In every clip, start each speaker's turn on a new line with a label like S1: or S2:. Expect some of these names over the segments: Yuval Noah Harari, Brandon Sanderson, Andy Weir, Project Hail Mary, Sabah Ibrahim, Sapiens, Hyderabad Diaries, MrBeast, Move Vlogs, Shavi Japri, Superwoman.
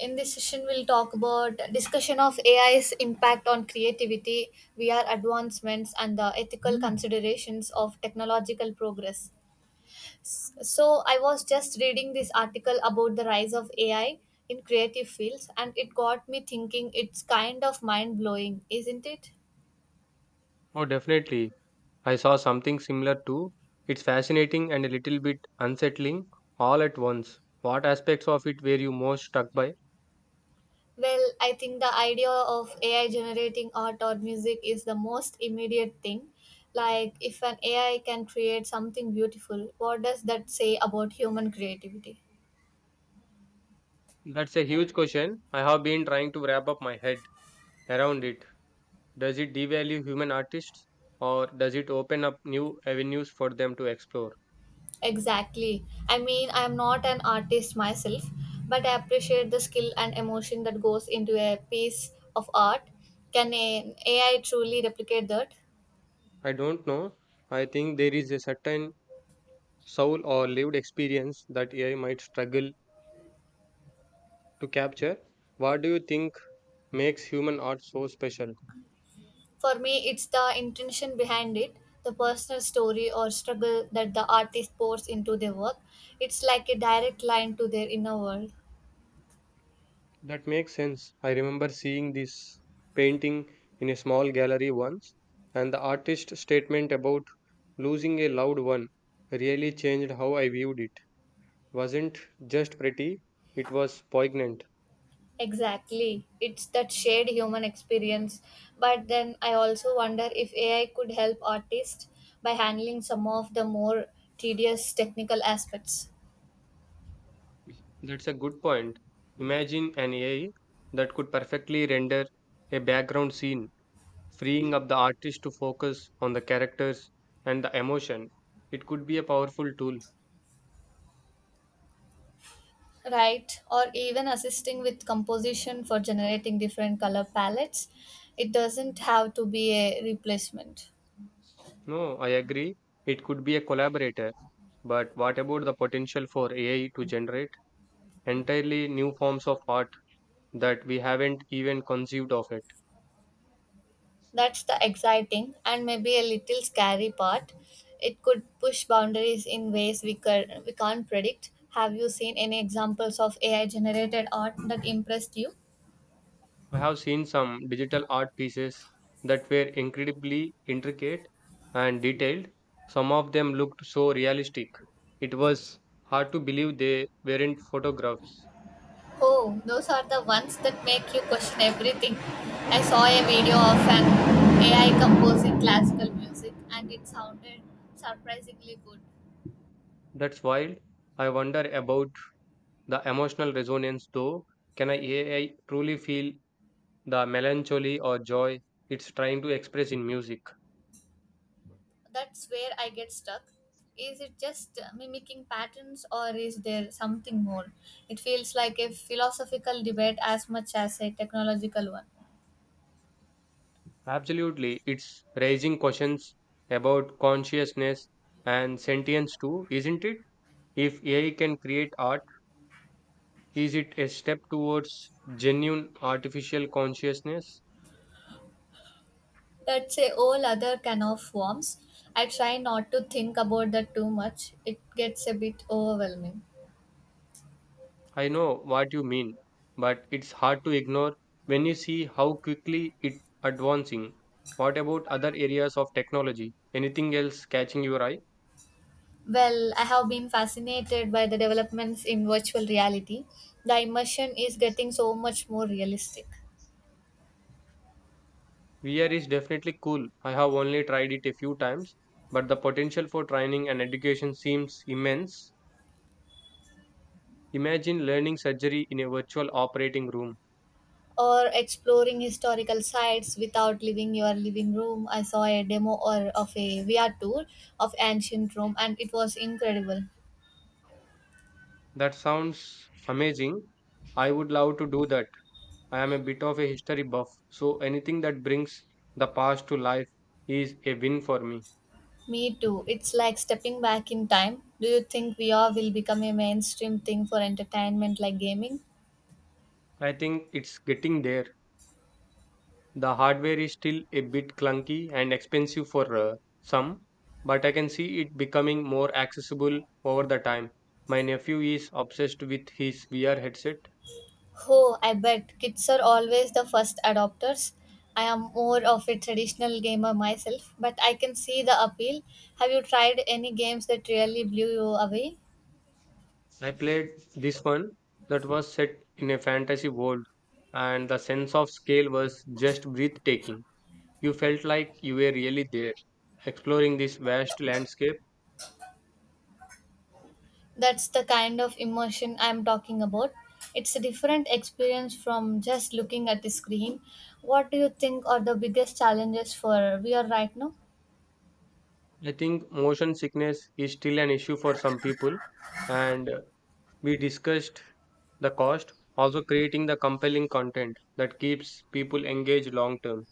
S1: In this session, we'll talk about discussion of AI's impact on creativity, VR advancements, and the ethical considerations of technological progress. So, I was just reading this article about the rise of AI in creative fields, and it got me thinking it's kind of mind blowing, isn't it?
S2: Oh, definitely. I saw something similar too. It's fascinating and a little bit unsettling all at once. What aspects of it were you most struck by?
S1: Well, I think the idea of AI generating art or music is the most immediate thing. Like, if an AI can create something beautiful, what does that say about human creativity?
S2: That's a huge question. I have been trying to wrap up my head around it. Does it devalue human artists or does it open up new avenues for them to explore?
S1: Exactly. I mean, I'm not an artist myself, but I appreciate the skill and emotion that goes into a piece of art. Can an AI truly replicate that?
S2: I don't know. I think there is a certain soul or lived experience that AI might struggle to capture. What do you think makes human art so special?
S1: For me, it's the intention behind it, the personal story or struggle that the artist pours into their work. It's like a direct line to their inner world.
S2: That makes sense. I remember seeing this painting in a small gallery once, and the artist's statement about losing a loved one really changed how I viewed it. Wasn't just pretty, it was poignant.
S1: Exactly. It's that shared human experience. But then I also wonder if AI could help artists by handling some of the more tedious technical aspects.
S2: That's a good point. Imagine an AI that could perfectly render a background scene, freeing up the artist to focus on the characters and the emotion. It could be a powerful tool.
S1: Right, or even assisting with composition for generating different color palettes. It doesn't have to be a replacement.
S2: No, I agree. It could be a collaborator. But what about the potential for AI to generate entirely new forms of art that we haven't even conceived of it?
S1: That's the exciting and maybe a little scary part. It could push boundaries in ways we can't predict. Have you seen any examples of AI generated art that impressed you?
S2: I have seen some digital art pieces that were incredibly intricate and detailed. Some of them looked so realistic. It was hard to believe they weren't photographs.
S1: Oh, those are the ones that make you question everything. I saw a video of an AI composing classical music and it sounded surprisingly good.
S2: That's wild. I wonder about the emotional resonance though. Can a AI truly feel the melancholy or joy it's trying to express in music.
S1: That's where I get stuck. Is it just mimicking patterns or is there something more? It feels like a philosophical debate as much as a technological one.
S2: Absolutely, it's raising questions about consciousness and sentience too, isn't it? If AI can create art, is it a step towards genuine artificial consciousness?
S1: That's a whole other can of worms. I try not to think about that too much, it gets a bit overwhelming.
S2: I know what you mean, but it's hard to ignore when you see how quickly it advancing. What about other areas of technology? Anything else catching your eye?
S1: Well, I have been fascinated by the developments in virtual reality. The immersion is getting so much more realistic.
S2: VR is definitely cool. I have only tried it a few times, but the potential for training and education seems immense. Imagine learning surgery in a virtual operating room.
S1: Or exploring historical sites without leaving your living room. I saw a demo or of a VR tour of ancient Rome and it was incredible.
S2: That sounds amazing. I would love to do that. I am a bit of a history buff, so anything that brings the past to life is a win for me.
S1: Me too. It's like stepping back in time. Do you think VR will become a mainstream thing for entertainment like gaming?
S2: I think it's getting there. The hardware is still a bit clunky and expensive for some, but I can see it becoming more accessible over the time. My nephew is obsessed with his VR headset.
S1: Oh, I bet kids are always the first adopters. I am more of a traditional gamer myself, but I can see the appeal. Have you tried any games that really blew you away?
S2: I played this one that was set in a fantasy world, and the sense of scale was just breathtaking. You felt like you were really there, exploring this vast landscape.
S1: That's the kind of immersion I'm talking about. It's a different experience from just looking at the screen. What do you think are the biggest challenges for VR right now?
S2: I think motion sickness is still an issue for some people, and we discussed the cost also creating the compelling content that keeps people engaged long term.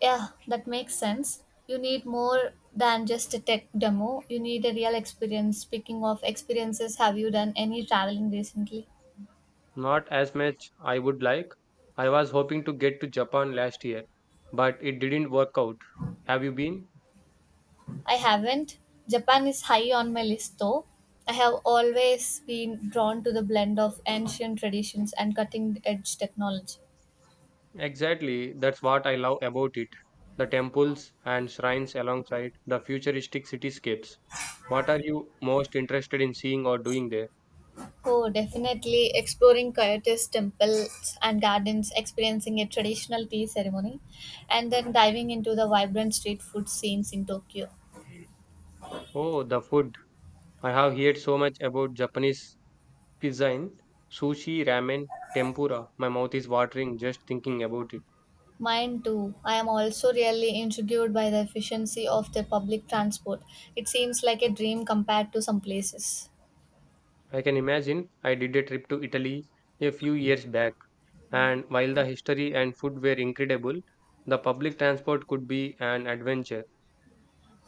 S1: Yeah, that makes sense. You need more than just a tech demo. You need a real experience. Speaking of experiences, have you done any traveling recently?
S2: Not as much I would like. I was hoping to get to Japan last year, but it didn't work out. Have you been?
S1: I haven't. Japan is high on my list though. I have always been drawn to the blend of ancient traditions and cutting edge technology.
S2: Exactly, that's what I love about it. The temples and shrines alongside the futuristic cityscapes. What are you most interested in seeing or doing there?
S1: Oh, definitely exploring Coyote's temples and gardens, experiencing a traditional tea ceremony, and then diving into the vibrant street food scenes in Tokyo.
S2: Oh, the food. I have heard so much about Japanese cuisine, sushi, ramen, tempura. My mouth is watering just thinking about it.
S1: Mine too. I am also really intrigued by the efficiency of their public transport. It seems like a dream compared to some places.
S2: I can imagine I did a trip to Italy a few years back, and while the history and food were incredible, the public transport could be an adventure.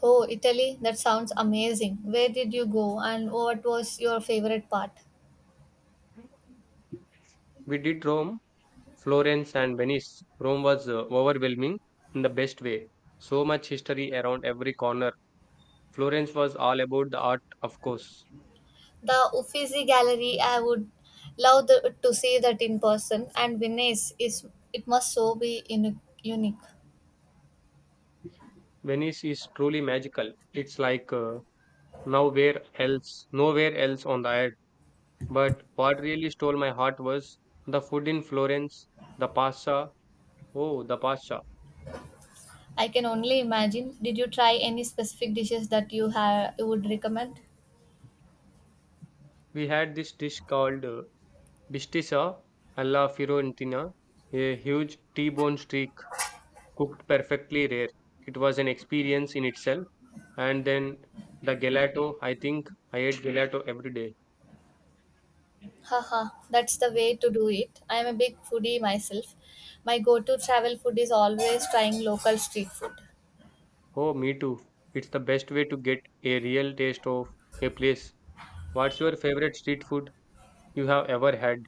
S1: Oh, Italy, that sounds amazing. Where did you go and what was your favorite part?
S2: We did Rome, Florence, and Venice. Rome was overwhelming in the best way. So much history around every corner. Florence was all about the art, of course.
S1: The Uffizi Gallery, I would to see that in person. And Venice is it must so be in, unique.
S2: Venice is truly magical. It's like nowhere else on the earth. But what really stole my heart was the food in Florence, the pasta. Oh, the pasta.
S1: I can only imagine. Did you try any specific dishes that you would recommend?
S2: We had this dish called bistisa alla fiorentina, a huge T-bone steak cooked perfectly rare. It was an experience in itself. And then the gelato, I think I ate gelato every day.
S1: Haha, that's the way to do it. I am a big foodie myself. My go-to travel food is always trying local street food.
S2: Oh, me too. It's the best way to get a real taste of a place. What's your favorite street food you have ever had?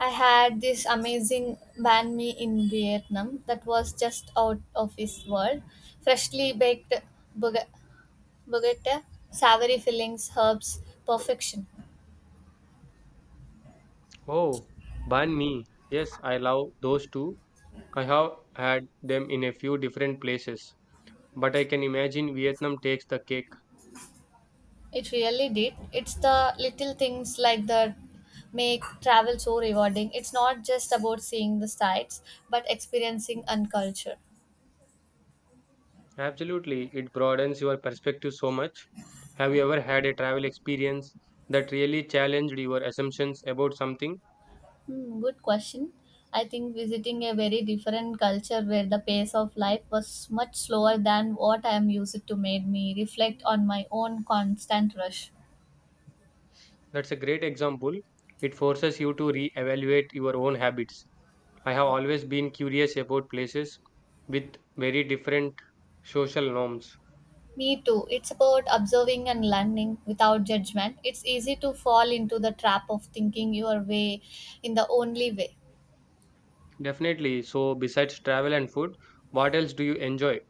S1: I had this amazing banh mi in Vietnam that was just out of this world. Freshly baked burger Bogota, savory fillings, herbs, perfection.
S2: Oh, banh mi. Yes, I love those too. I have had them in a few different places, but I can imagine Vietnam takes the cake.
S1: It really did. It's the little things like that make travel so rewarding. It's not just about seeing the sights, but experiencing and culture.
S2: Absolutely, it broadens your perspective so much. Have you ever had a travel experience that really challenged your assumptions about something?
S1: Hmm, good question. I think visiting a very different culture where the pace of life was much slower than what I am used to made me reflect on my own constant rush.
S2: That's a great example. It forces you to re-evaluate your own habits. I have always been curious about places with very different social norms.
S1: Me too. It's about observing and learning without judgment. It's easy to fall into the trap of thinking your way in the only way.
S2: Definitely. So, besides travel and food, what else do you enjoy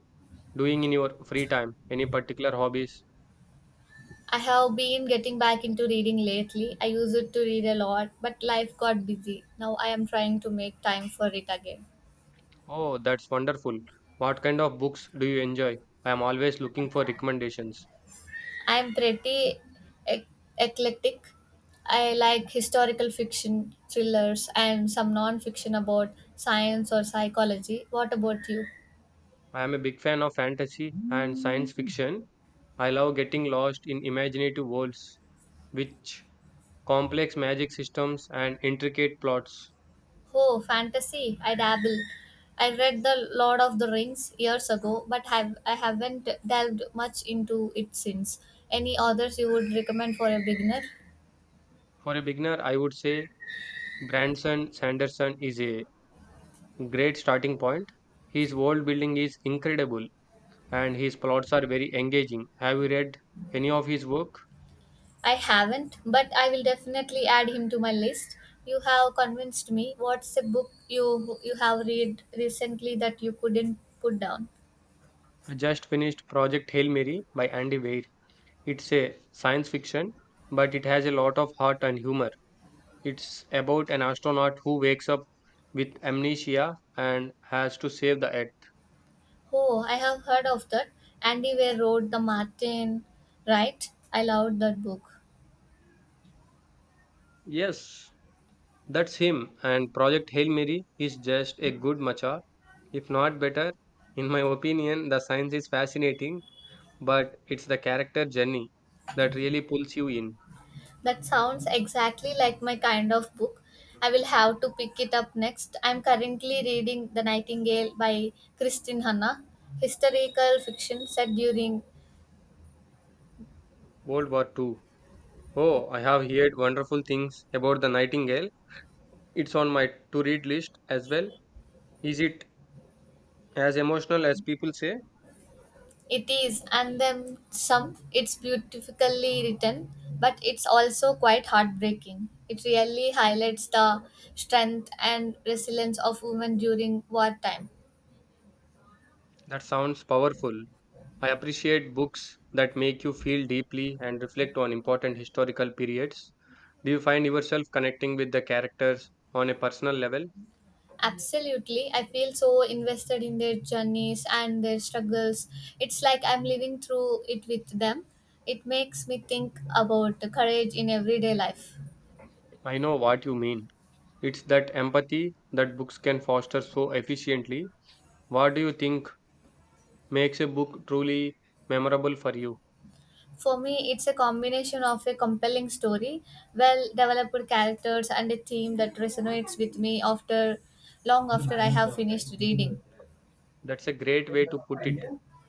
S2: doing in your free time? Any particular hobbies?
S1: I have been getting back into reading lately. I used to read a lot, but life got busy. Now I am trying to make time for it again.
S2: Oh, that's wonderful. What kind of books do you enjoy? I am always looking for recommendations.
S1: I am pretty ec- eclectic. I like historical fiction, thrillers, and some non fiction about science or psychology. What about you?
S2: I am a big fan of fantasy and science fiction. I love getting lost in imaginative worlds with complex magic systems and intricate plots.
S1: Oh, fantasy. I dabble. I read The Lord of the Rings years ago, but have I haven't delved much into it since. Any authors you would recommend for a beginner?
S2: For a beginner, I would say Branson Sanderson is a great starting point. His world building is incredible and his plots are very engaging. Have you read any of his work?
S1: I haven't, but I will definitely add him to my list. You have convinced me. What's a book you have read recently that you couldn't put down?
S2: I just finished Project Hail Mary by Andy Weir. It's a science fiction, but it has a lot of heart and humor. It's about an astronaut who wakes up with amnesia and has to save the Earth.
S1: Oh, I have heard of that. Andy Weir wrote The Martin, right? I loved that book.
S2: Yes, that's him. And Project Hail Mary is just a good matcha, if not better. In my opinion, the science is fascinating, but it's the character journey that really pulls you in.
S1: That sounds exactly like my kind of book. I will have to pick it up next. I'm currently reading The Nightingale by Kristin Hanna, historical fiction set during
S2: World War Two. Oh, I have heard wonderful things about the Nightingale. It's on my to read list as well. Is it as emotional as people say?
S1: it is and then some. It's beautifully written, but it's also quite heartbreaking. It really highlights the strength and resilience of women during wartime.
S2: That sounds powerful. I appreciate books that make you feel deeply and reflect on important historical periods. Do you find yourself connecting with the characters on a personal level?
S1: Absolutely. I feel so invested in their journeys and their struggles. It's like I'm living through it with them. It makes me think about the courage in everyday life.
S2: I know what you mean. It's that empathy that books can foster so efficiently. What do you think makes a book truly memorable for you?
S1: For me, it's a combination of a compelling story, well developed characters, and a theme that resonates with me after long after I have finished reading.
S2: That's a great way to put it.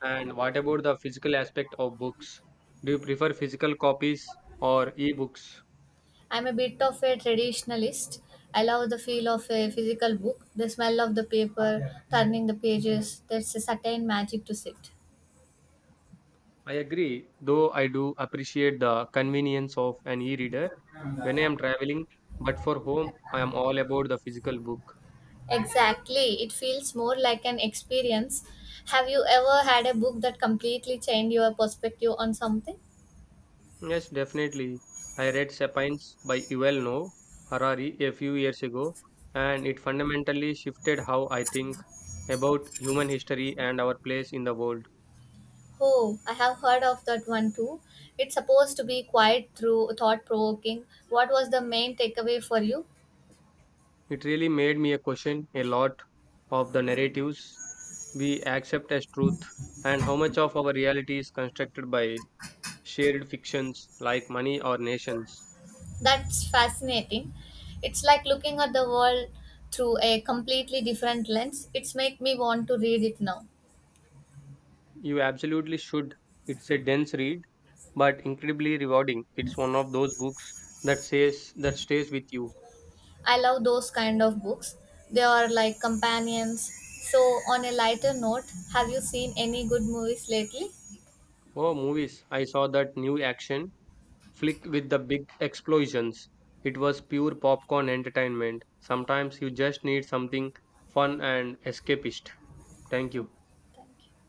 S2: And what about the physical aspect of books? Do you prefer physical copies or e-books?
S1: I'm a bit of a traditionalist. I love the feel of a physical book, the smell of the paper, turning the pages. There's a certain magic to it.
S2: I agree, though I do appreciate the convenience of an e-reader when I am traveling, but for home, I am all about the physical book.
S1: Exactly. It feels more like an experience. Have you ever had a book that completely changed your perspective on something?
S2: Yes, definitely. I read Sapiens by Yuval Noah Harari a few years ago, and it fundamentally shifted how I think about human history and our place in the world.
S1: Oh, I have heard of that one too. It's supposed to be quite through thought provoking. What was the main takeaway for you?
S2: It really made me question a lot of the narratives we accept as truth and how much of our reality is constructed by shared fictions like money or nations.
S1: That's fascinating. It's like looking at the world through a completely different lens. It's make me want to read it now.
S2: You absolutely should. It's a dense read, but incredibly rewarding. It's one of those books that says that stays with you.
S1: I love those kind of books. They are like companions. So, on a lighter note, have you seen any good movies lately?
S2: Oh, movies. I saw that new action flick with the big explosions. It was pure popcorn entertainment. Sometimes you just need something fun and escapist. Thank
S1: Yeah,
S2: you.
S1: thank you.